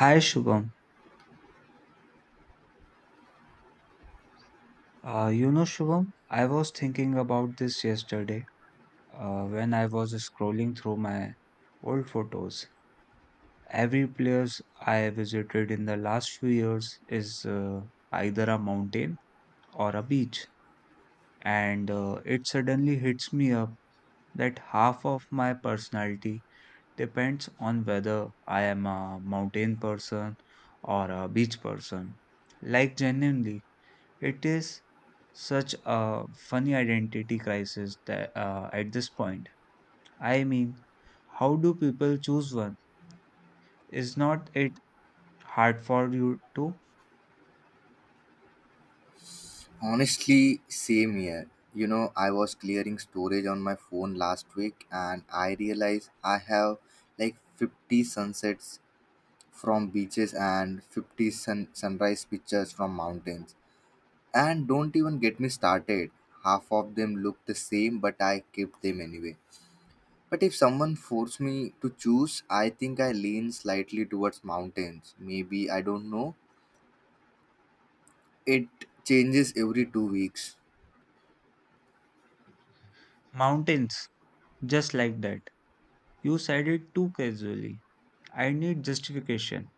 Hi Shubham. You know, Shubham, I was thinking about this yesterday when I was scrolling through my old photos. Every place I visited in the last few years is either a mountain or a beach. And it suddenly hits me up that half of my personality depends on whether I am a mountain person or a beach person. Like, genuinely. It is such a funny identity crisis that at this point. I mean, how do people choose one? Is not it hard for you to? Honestly, same here. You know, I was clearing storage on my phone last week and I realized I have like 50 sunsets from beaches and sunrise pictures from mountains. And don't even get me started. Half of them look the same, but I kept them anyway. But if someone forced me to choose, I think I lean slightly towards mountains. Maybe, I don't know. It changes every two weeks. Mountains, just like that. You said it too casually. I need justification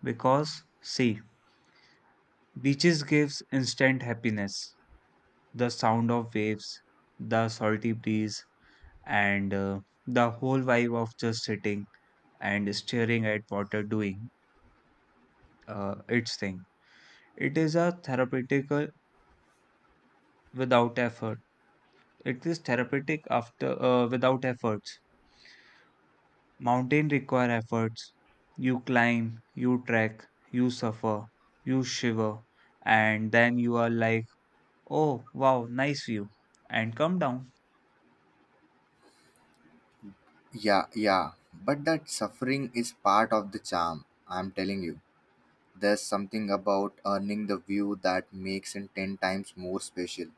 because, see, beaches gives instant happiness. The sound of waves, the salty breeze, and the whole vibe of just sitting and staring at water doing its thing. It is a therapeutic without effort. It is therapeutic after without efforts. Mountain require efforts. You climb, you trek, you suffer, you shiver, and then you are like, oh wow, nice view, and come down. Yeah, yeah, but that suffering is part of the charm, I'm telling you. There's something about earning the view that makes it 10 times more special.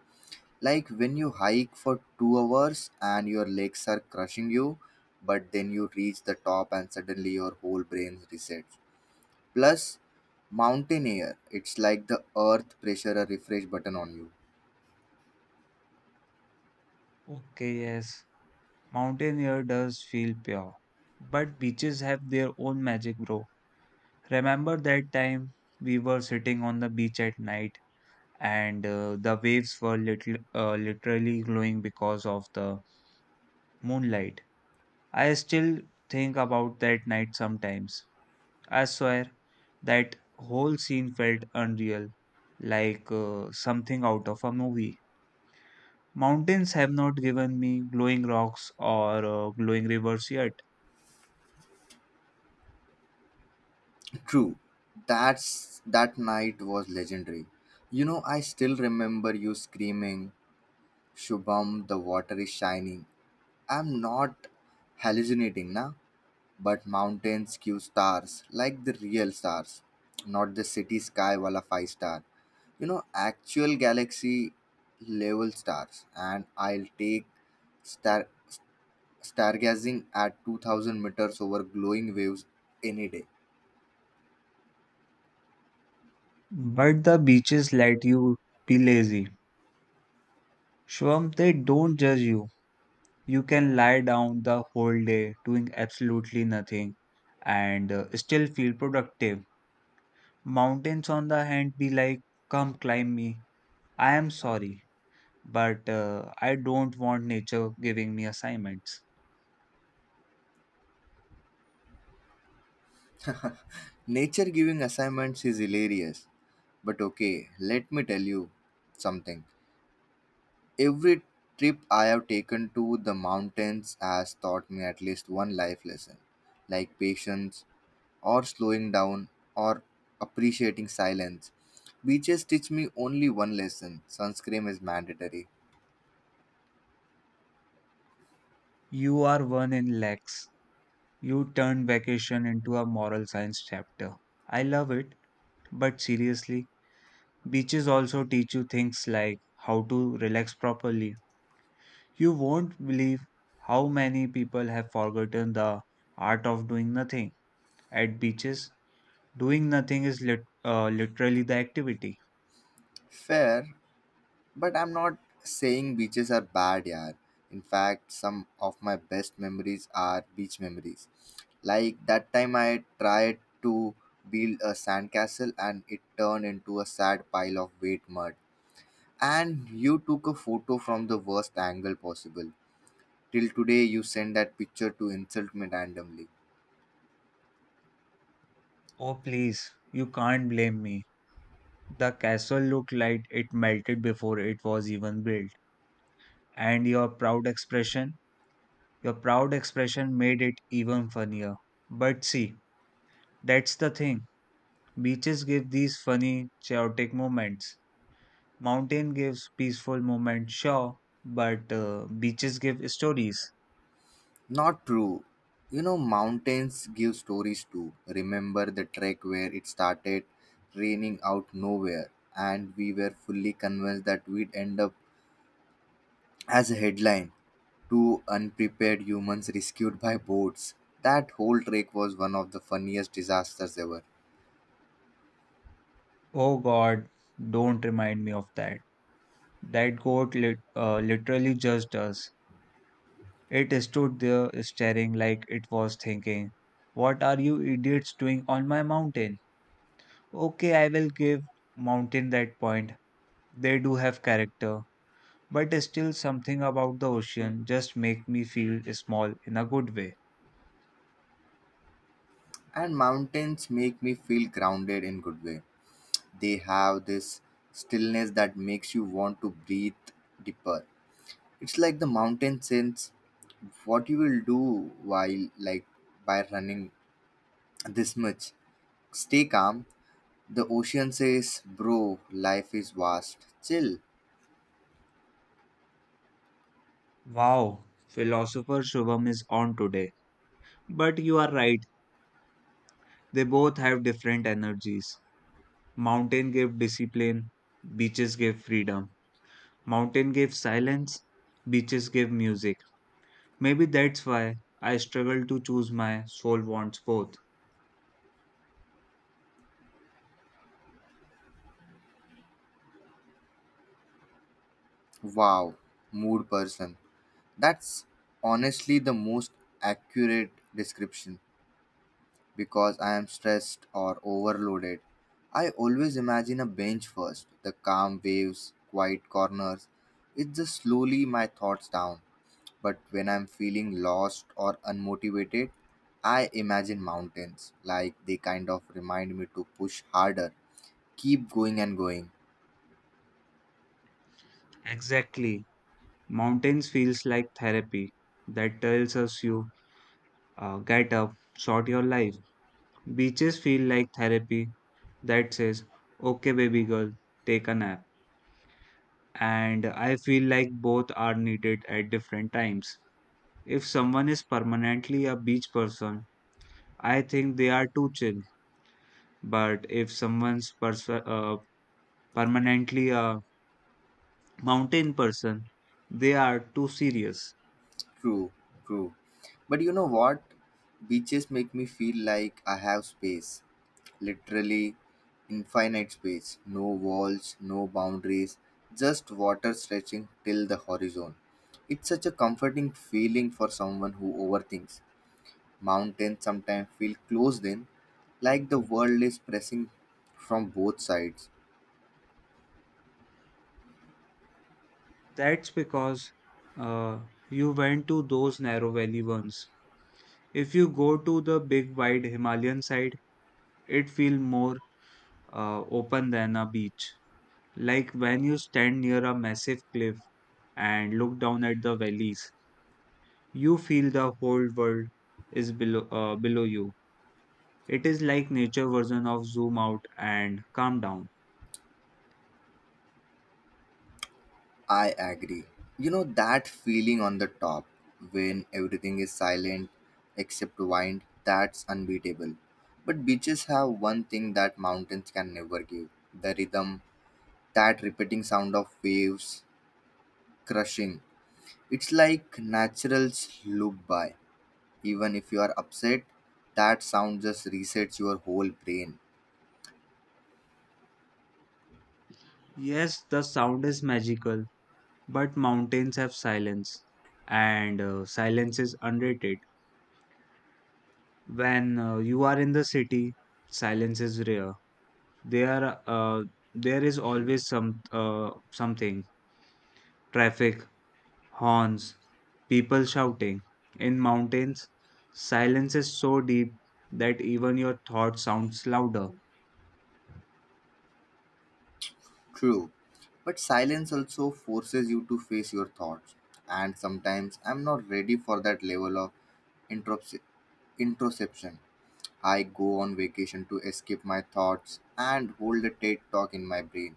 Like when you hike for 2 hours and your legs are crushing you, but then you reach the top and suddenly your whole brain resets. Plus, mountain air, it's like the earth pressure a refresh button on you. Okay, yes, mountain air does feel pure, but beaches have their own magic, bro. Remember that time we were sitting on the beach at night and the waves were literally glowing because of the moonlight. I still think about that night sometimes. I swear that whole scene felt unreal, like something out of a movie. Mountains have not given me glowing rocks or glowing rivers yet, True. That night was legendary. You know, I still remember you screaming, Shubham, the water is shining. I'm not hallucinating, na? But mountains give stars, like the real stars, not the city sky wala five star. You know, actual galaxy level stars, and I'll take star stargazing at 2000 meters over glowing waves any day. but the beaches let you be lazy. Shwam, they don't judge you. You can lie down the whole day doing absolutely nothing and still feel productive. Mountains, on the hand, be like, come climb me. I am sorry, but I don't want nature giving me assignments. Nature giving assignments is hilarious, but okay, let me tell you something. Every trip I have taken to the mountains has taught me at least one life lesson, like patience, or slowing down, or appreciating silence. Beaches teach me only one lesson, sunscreen is mandatory. You are one in lakhs. You turned vacation into a moral science chapter. I love it, but seriously, beaches also teach you things like how to relax properly. You won't believe how many people have forgotten the art of doing nothing. At beaches, doing nothing is literally the activity. Fair, but I'm not saying beaches are bad, yaar. In fact, some of my best memories are beach memories. Like that time I tried to build a sandcastle and it turned into a sad pile of wet mud. And you took a photo from the worst angle possible. Till today, you send that picture to insult me randomly. Oh, please, you can't blame me. The castle looked like it melted before it was even built. And your proud expression made it even funnier. But see, that's the thing. Beaches give these funny, chaotic moments. Mountain gives peaceful moment, sure, but beaches give stories. Not true. You know, mountains give stories too. Remember the trek where it started raining out nowhere, and we were fully convinced that we'd end up as a headline, Two unprepared humans rescued by boats. That whole trek was one of the funniest disasters ever. Oh God, don't remind me of that. That goat literally judged us. It stood there staring like it was thinking, what are you idiots doing on my mountain? Okay, I will give mountain that point. They do have character, but still something about the ocean just make me feel small in a good way. And mountains make me feel grounded in good way. They have this stillness that makes you want to breathe deeper. It's like the mountain sense what you will do while like by running this much, stay calm. The ocean says, bro, life is vast, chill. Wow, philosopher Shubham is on today. But you are right, they both have different energies. Mountain give discipline, beaches give freedom. Mountain give silence, beaches give music. Maybe that's why I struggle to choose my soul wants both. Wow, mood person, that's honestly the most accurate description because I am stressed or overloaded. I always imagine a bench first, the calm waves, quiet corners. It just slowly my thoughts down. But when I'm feeling lost or unmotivated, I imagine mountains, like they kind of remind me to push harder, keep going and going. Exactly. Mountains feels like therapy that tells us you get up, sort your life. Beaches feel like therapy that says, okay, baby girl, take a nap. And I feel like both are needed at different times. If someone is permanently a beach person, I think they are too chill. But if someone's permanently a mountain person, they are too serious. True, true. But you know what? Beaches make me feel like I have space. Literally infinite space, no walls, no boundaries, just water stretching till the horizon. It's such a comforting feeling for someone who overthinks. Mountains sometimes feel closed in, like the world is pressing from both sides. That's because uh, you went to those narrow valley ones. If you go to the big wide Himalayan side, it feels more open than a beach. Like when you stand near a massive cliff and look down at the valleys, you feel the whole world is below you. It is like nature version of zoom out and calm down. I agree. You know that feeling on the top when everything is silent except wind, that's unbeatable. But beaches have one thing that mountains can never give, the rhythm, that repeating sound of waves crushing. It's like naturals loop by. Even if you are upset, that sound just resets your whole brain. Yes, the sound is magical, but mountains have silence, and silence is underrated. When you are in the city, silence is rare. There, uh, there is always something traffic, horns, people shouting. In mountains, silence is so deep that even your thought sounds louder. True. But silence also forces you to face your thoughts. And sometimes I'm not ready for that level of introspec- introspection. I go on vacation to escape my thoughts and hold a TED talk in my brain.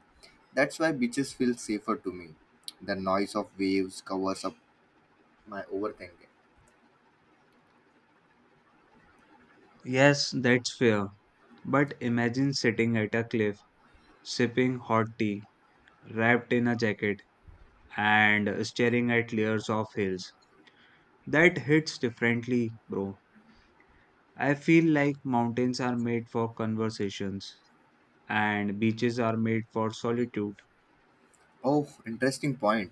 That's why beaches feel safer to me. The noise of waves covers up my overthinking. Yes, that's fair. But imagine sitting at a cliff, sipping hot tea, wrapped in a jacket, and staring at layers of hills. That hits differently, bro. I feel like mountains are made for conversations, and beaches are made for solitude. Oh, interesting point.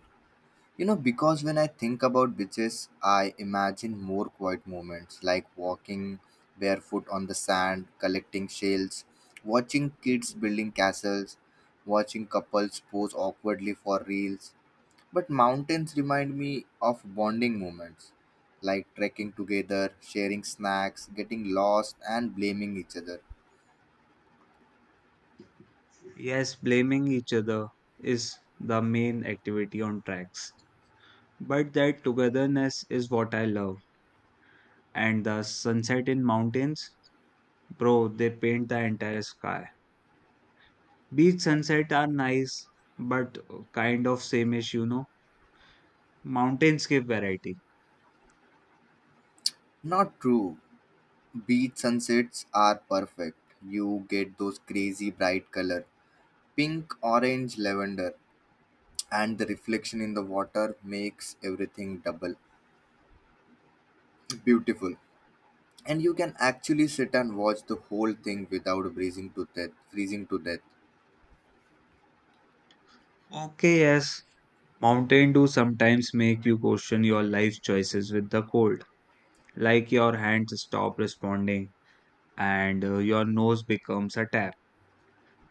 You know, because when I think about beaches, I imagine more quiet moments like walking barefoot on the sand, collecting shells, watching kids building castles, watching couples pose awkwardly for reels. But mountains remind me of bonding moments like trekking together, sharing snacks, getting lost, and blaming each other. Yes, blaming each other is the main activity on tracks. But that togetherness is what I love. And the sunset in mountains, bro, they paint the entire sky. Beach sunset are nice, but kind of same-ish, you know. Mountains give variety. Not true. Beach sunsets are perfect. You get those crazy bright color, pink, orange, lavender, and the reflection in the water makes everything double beautiful. And you can actually sit and watch the whole thing without freezing to death. Freezing to death. Okay, yes, mountain do sometimes make you question your life choices with the cold, like your hands stop responding and your nose becomes a tap.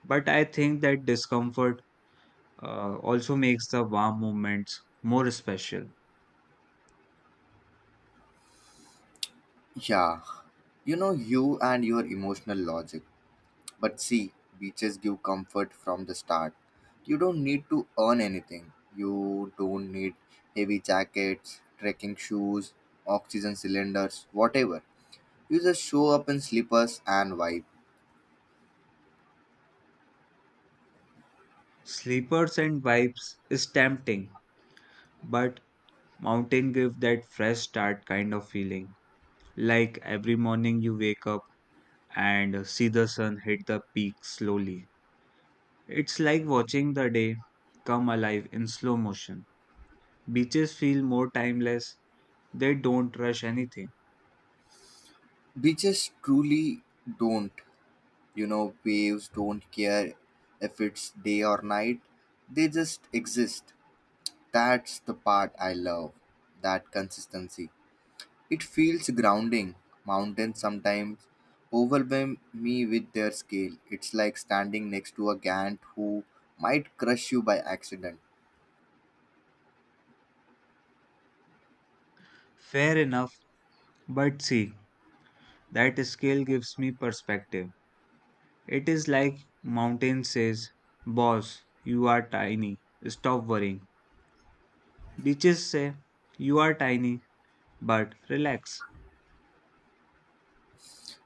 But I think that discomfort also makes the warm moments more special. Yeah, you know you and your emotional logic. But see, beaches give comfort from the start. You don't need to earn anything. You don't need heavy jackets, trekking shoes, oxygen cylinders, whatever. You just show up in slippers and vibe. Sleepers and vibes is tempting, but mountain give that fresh start kind of feeling. Like every morning you wake up and see the sun hit the peak slowly. It's like watching the day come alive in slow motion. Beaches feel more timeless, they don't rush anything. Beaches truly don't. You know, waves don't care if it's day or night. They just exist. That's the part I love. That consistency. It feels grounding. Mountains sometimes overwhelm me with their scale. It's like standing next to a gant who might crush you by accident. Fair enough, but see, that scale gives me perspective. It is like mountains says, "Boss, you are tiny. Stop worrying." Beaches say, "You are tiny, but relax."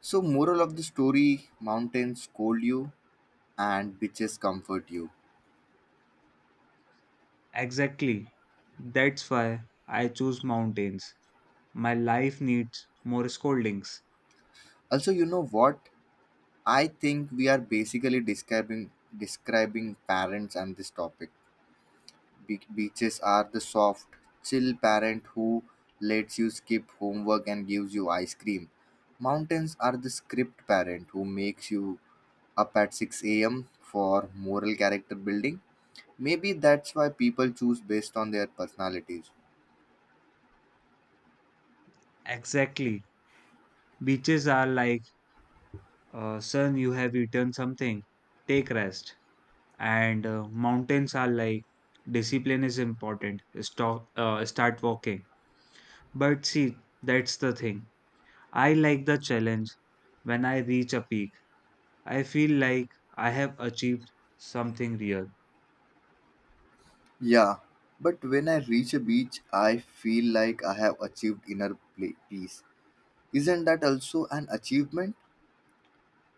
So, moral of the story, mountains scold you and bitches comfort you. Exactly. That's why I choose mountains. My life needs more scoldings. Also, you know what? I think we are basically describing parents and this topic. Beaches are the soft, chill parent who lets you skip homework and gives you ice cream. Mountains are the script parent who makes you up at 6 a.m. for moral character building. Maybe that's why people choose based on their personalities. Exactly. Beaches are like, son, you have eaten something. Take rest. And mountains are like, discipline is important. Start walking. But see, that's the thing. I like the challenge. When I reach a peak, I feel like I have achieved something real. Yeah, but when I reach a beach, I feel like I have achieved inner peace. Isn't that also an achievement?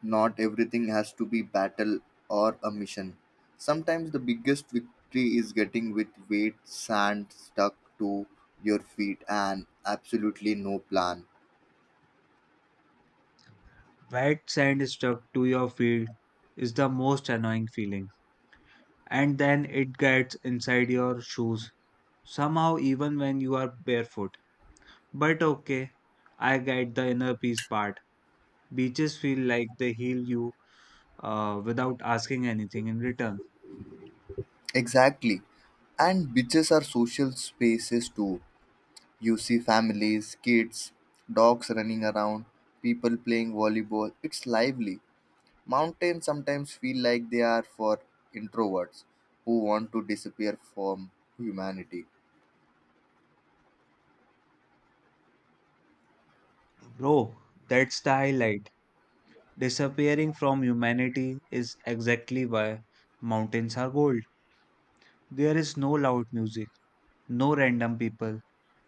Not everything has to be battle or a mission. Sometimes the biggest victory is getting with weight, sand stuck to your feet, and absolutely no plan. Wet sand stuck to your feet is the most annoying feeling. And then it gets inside your shoes, somehow, even when you are barefoot. But okay, I get the inner peace part. Beaches feel like they heal you without asking anything in return. Exactly. And beaches are social spaces too. You see families, kids, dogs running around, people playing volleyball. It's lively. Mountains sometimes feel like they are for introverts who want to disappear from humanity. Bro, that's the highlight. Disappearing from humanity is exactly why mountains are gold. There is no loud music, no random people,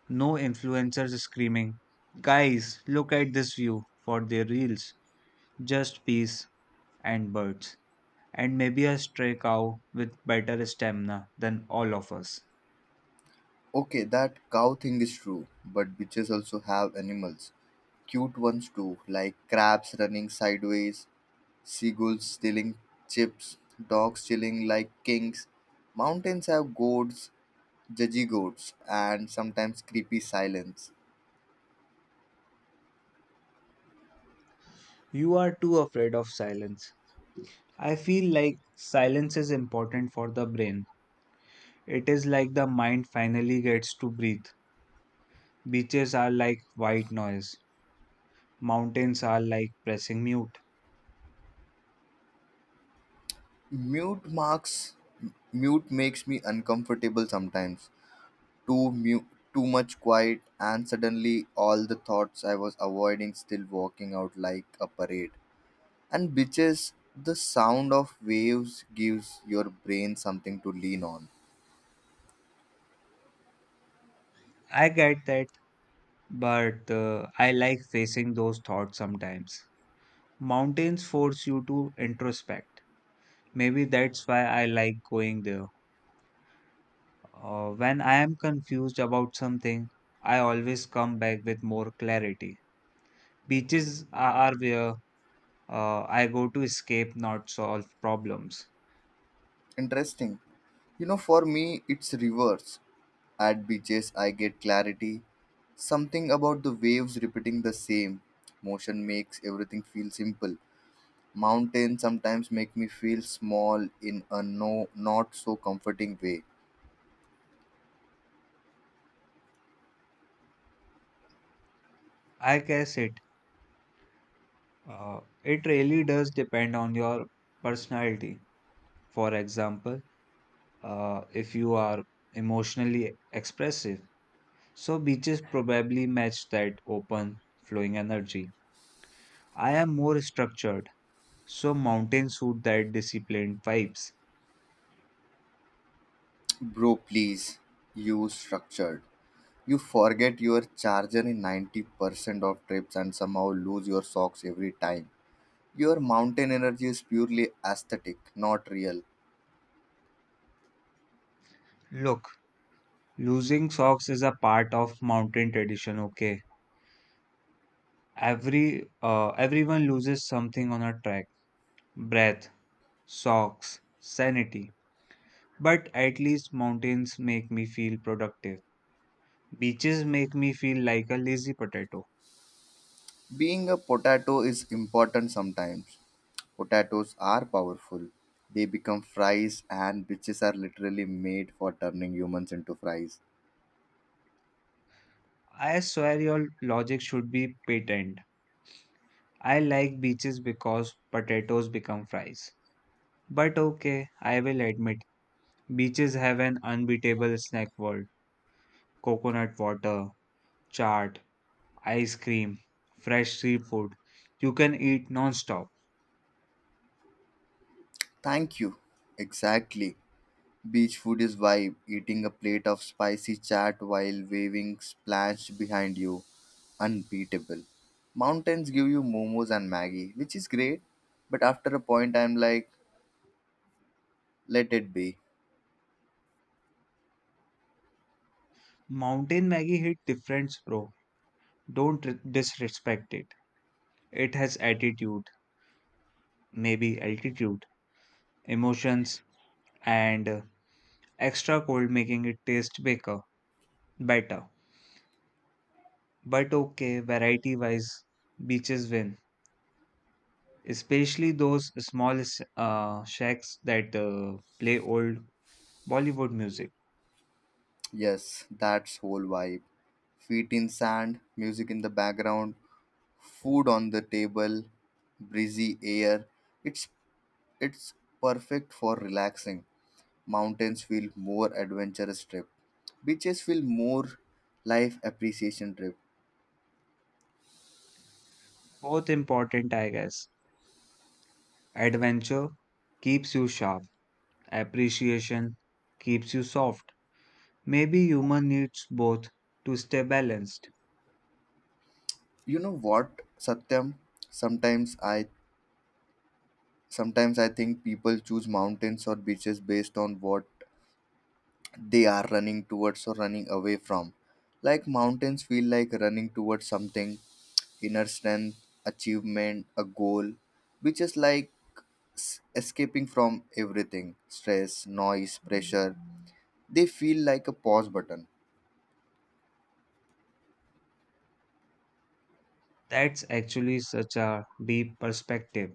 no influencers screaming, guys, look at this view for their reels. Just peace and birds. And maybe a stray cow with better stamina than all of us. Okay, that cow thing is true, but bitches also have animals. Cute ones too, like crabs running sideways, seagulls stealing chips, dogs chilling like kings. Mountains have goats, judgy goats, and sometimes creepy silence. You are too afraid of silence. I feel like silence is important for the brain. It is like the mind finally gets to breathe. Beaches are like white noise. Mountains are like pressing mute. Mute marks Mute makes me uncomfortable sometimes. Too mute Too much quiet and suddenly all the thoughts I was avoiding still walking out like a parade. And beaches, the sound of waves gives your brain something to lean on. I get that, but I like facing those thoughts sometimes. Mountains force you to introspect. Maybe that's why I like going there. When I am confused about something, I always come back with more clarity. Beaches are where I go to escape, not solve problems. Interesting. You know, for me, it's reverse. At beaches, I get clarity. Something about the waves repeating the same motion makes everything feel simple. Mountains sometimes make me feel small in a no, not so comforting way. I guess it really does depend on your personality. For example, if you are emotionally expressive. So, beaches probably match that open, flowing energy. I am more structured, so mountains suit that disciplined vibes. Bro, please use structured. You forget your charger in 90% of trips and somehow lose your socks every time. Your mountain energy is purely aesthetic, not real. Look, losing socks is a part of mountain tradition, okay? Everyone loses something on a trek. Breath, socks, sanity. But at least mountains make me feel productive. Beaches make me feel like a lazy potato. Being a potato is important sometimes. Potatoes are powerful. They become fries, and bitches are literally made for turning humans into fries. I swear your logic should be patent. I like beaches because potatoes become fries. But okay, I will admit, beaches have an unbeatable snack world. Coconut water, chaat, ice cream, fresh seafood. You can eat non-stop. Thank you. Exactly. Beach food is vibe. Eating a plate of spicy chat while waving splashed behind you. Unbeatable. Mountains give you momos and Maggie, which is great, but after a point, I'm like, let it be. Mountain Maggie hit difference, bro. Don't r- disrespect it. It has attitude, maybe altitude, emotions, and extra cold making it taste baker better. But okay, variety wise, beaches win, especially those small shacks that play old Bollywood music. Yes, that's whole vibe. Feet in sand, music in the background, food on the table, breezy air. It's it's perfect for relaxing. Mountains feel more adventurous trip. Beaches feel more life appreciation trip. Both important, I guess. Adventure keeps you sharp, appreciation keeps you soft. Maybe human needs both to stay balanced. You know what, Satyam? Sometimes I Sometimes I think people choose mountains or beaches based on what they are running towards or running away from. Like mountains feel like running towards something, inner strength, achievement, a goal, which is like escaping from everything stress, noise, pressure. They feel like a pause button. That's actually such a deep perspective.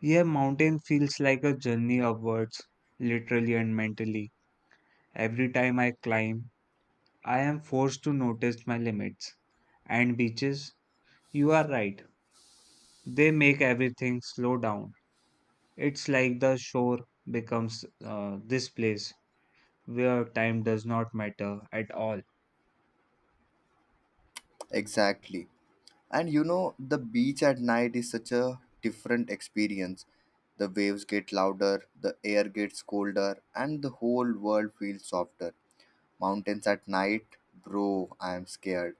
Yeah, mountain feels like a journey upwards, literally and mentally. Every time I climb, I am forced to notice my limits. And beaches, you are right, they make everything slow down. It's like the shore becomes this place where time does not matter at all. Exactly. And you know, the beach at night is such a different experience. The waves get louder, the air gets colder, and the whole world feels softer. Mountains at night, bro, I am scared.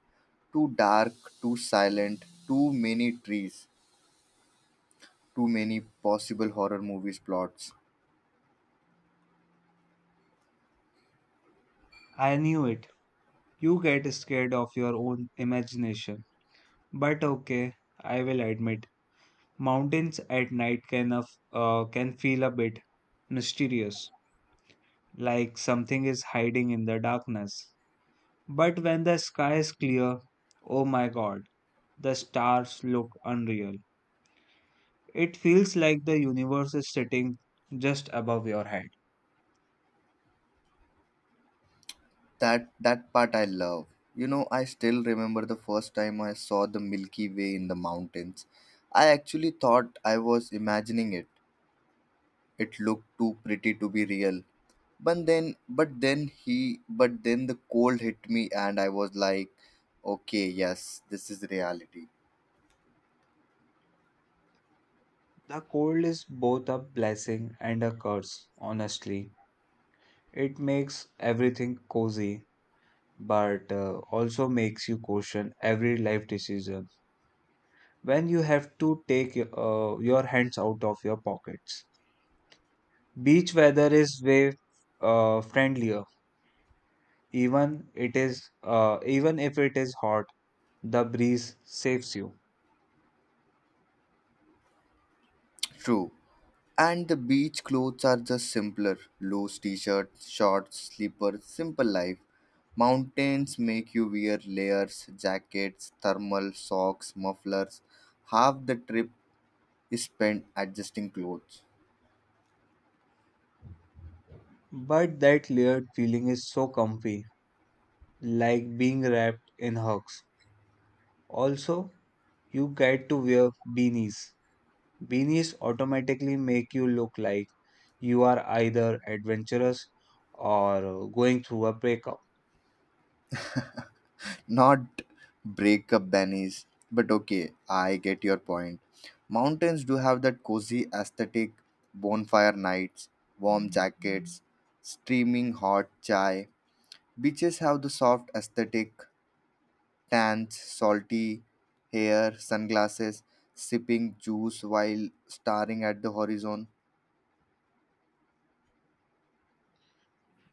Too dark, too silent, too many trees, too many possible horror movies plots. I knew it. You get scared of your own imagination. But okay, I will admit, mountains at night can feel a bit mysterious, like something is hiding in the darkness. But when the sky is clear, oh my god, the stars look unreal. It feels like the universe is sitting just above your head. That part I love. You know, I still remember the first time I saw the Milky Way in the mountains. I actually thought I was imagining it. It looked too pretty to be real. But then the cold hit me and I was like, okay, yes, this is reality. The cold is both a blessing and a curse, honestly. It makes everything cozy, but also makes you question every life decision when you have to take your hands out of your pockets. Beach weather is way friendlier. Even if it is hot, the breeze saves you. True. And the beach clothes are just simpler. Loose t-shirts, shorts, slippers, simple life. Mountains make you wear layers, jackets, thermal, socks, mufflers. Half the trip is spent adjusting clothes. But that layered feeling is so comfy, like being wrapped in hugs. Also, you get to wear beanies. Beanies automatically make you look like you are either adventurous or going through a breakup. Not breakup bunnies, but okay, I get your point. Mountains do have that cozy aesthetic, bonfire nights, warm jackets, steaming hot chai. Beaches have the soft aesthetic, tans, salty hair, sunglasses, sipping juice while staring at the horizon.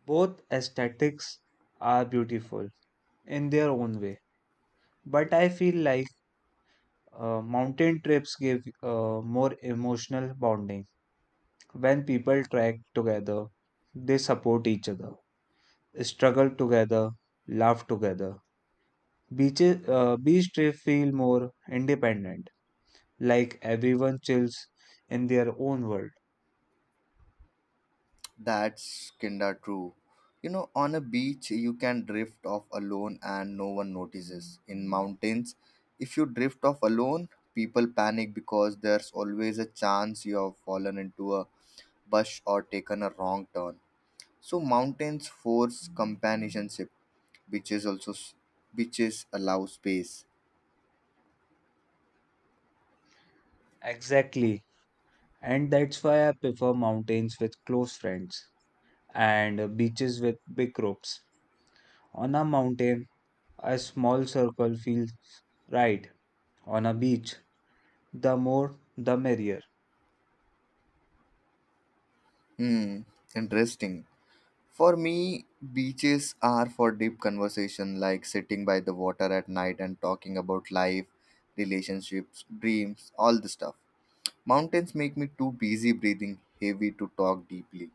Both aesthetics are beautiful in their own way, but I feel like mountain trips give more emotional bonding. When people trek together, they support each other, struggle together, laugh together. Beach trip feel more independent, like everyone chills in their own world. That's kinda true. You know, on a beach, you can drift off alone and no one notices. In mountains, if you drift off alone, people panic because there's always a chance you have fallen into a bush or taken a wrong turn. So, mountains force companionship, beaches also s- beaches allow space. Exactly. And that's why I prefer mountains with close friends and beaches with big groups. On a mountain, a small circle feels right. On a beach, the more the merrier. Hmm, interesting. For me, beaches are for deep conversation, like sitting by the water at night and talking about life, relationships, dreams, all the stuff. Mountains make me too busy breathing heavy to talk deeply.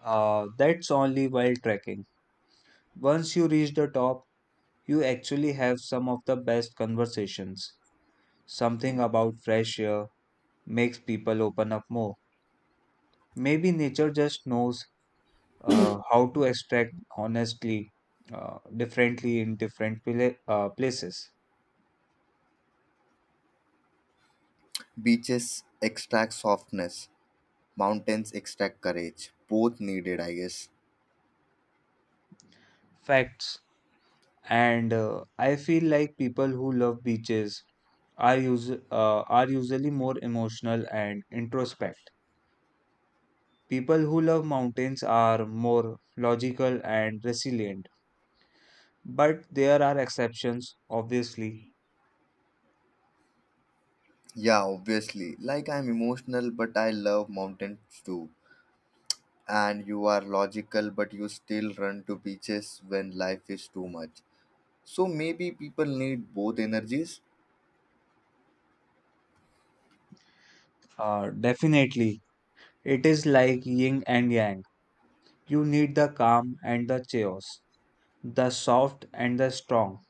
That's only while trekking. Once you reach the top, you actually have some of the best conversations. Something about fresh air makes people open up more. Maybe nature just knows how to extract honestly, differently in different places. Beaches extract softness, mountains extract courage, both needed, I guess. Facts. And I feel like people who love beaches are are usually more emotional and introspect. People who love mountains are more logical and resilient, but there are exceptions, obviously. Yeah, obviously, like I'm emotional but I love mountains too, and you are logical, but you still run to beaches when life is too much. So maybe people need both energies. Definitely, it is like yin and yang. You need the calm and the chaos, the soft and the strong,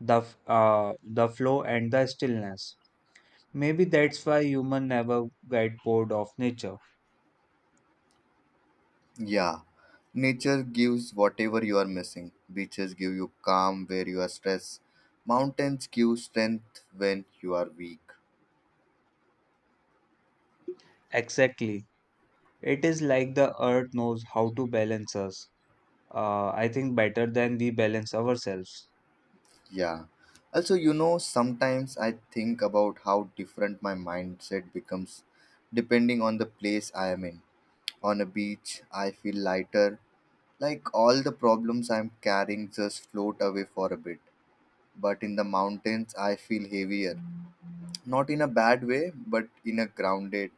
the flow and the stillness. Maybe that's why human never get bored of nature. Yeah, nature gives whatever you are missing. Beaches give you calm where you are stressed. Mountains give strength when you are weak. Exactly. It is like the earth knows how to balance us. I think better than we balance ourselves. Yeah. Also, you know, sometimes I think about how different my mindset becomes depending on the place I am in. On a beach, I feel lighter. Like all the problems I'm carrying just float away for a bit. But in the mountains, I feel heavier. Not in a bad way, but in a grounded,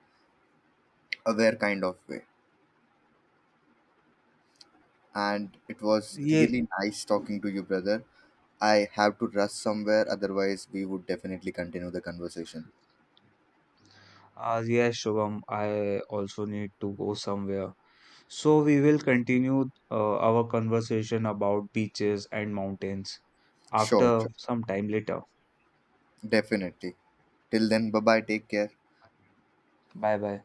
aware kind of way. And it was Yeah. really nice talking to you, brother. I have to rush somewhere, otherwise, we would definitely continue the conversation. Ah, yes, Shubham, I also need to go somewhere. So we will continue our conversation about beaches and mountains Sure, after sure. some time later. Definitely. Till then, bye bye. Take care. Bye bye.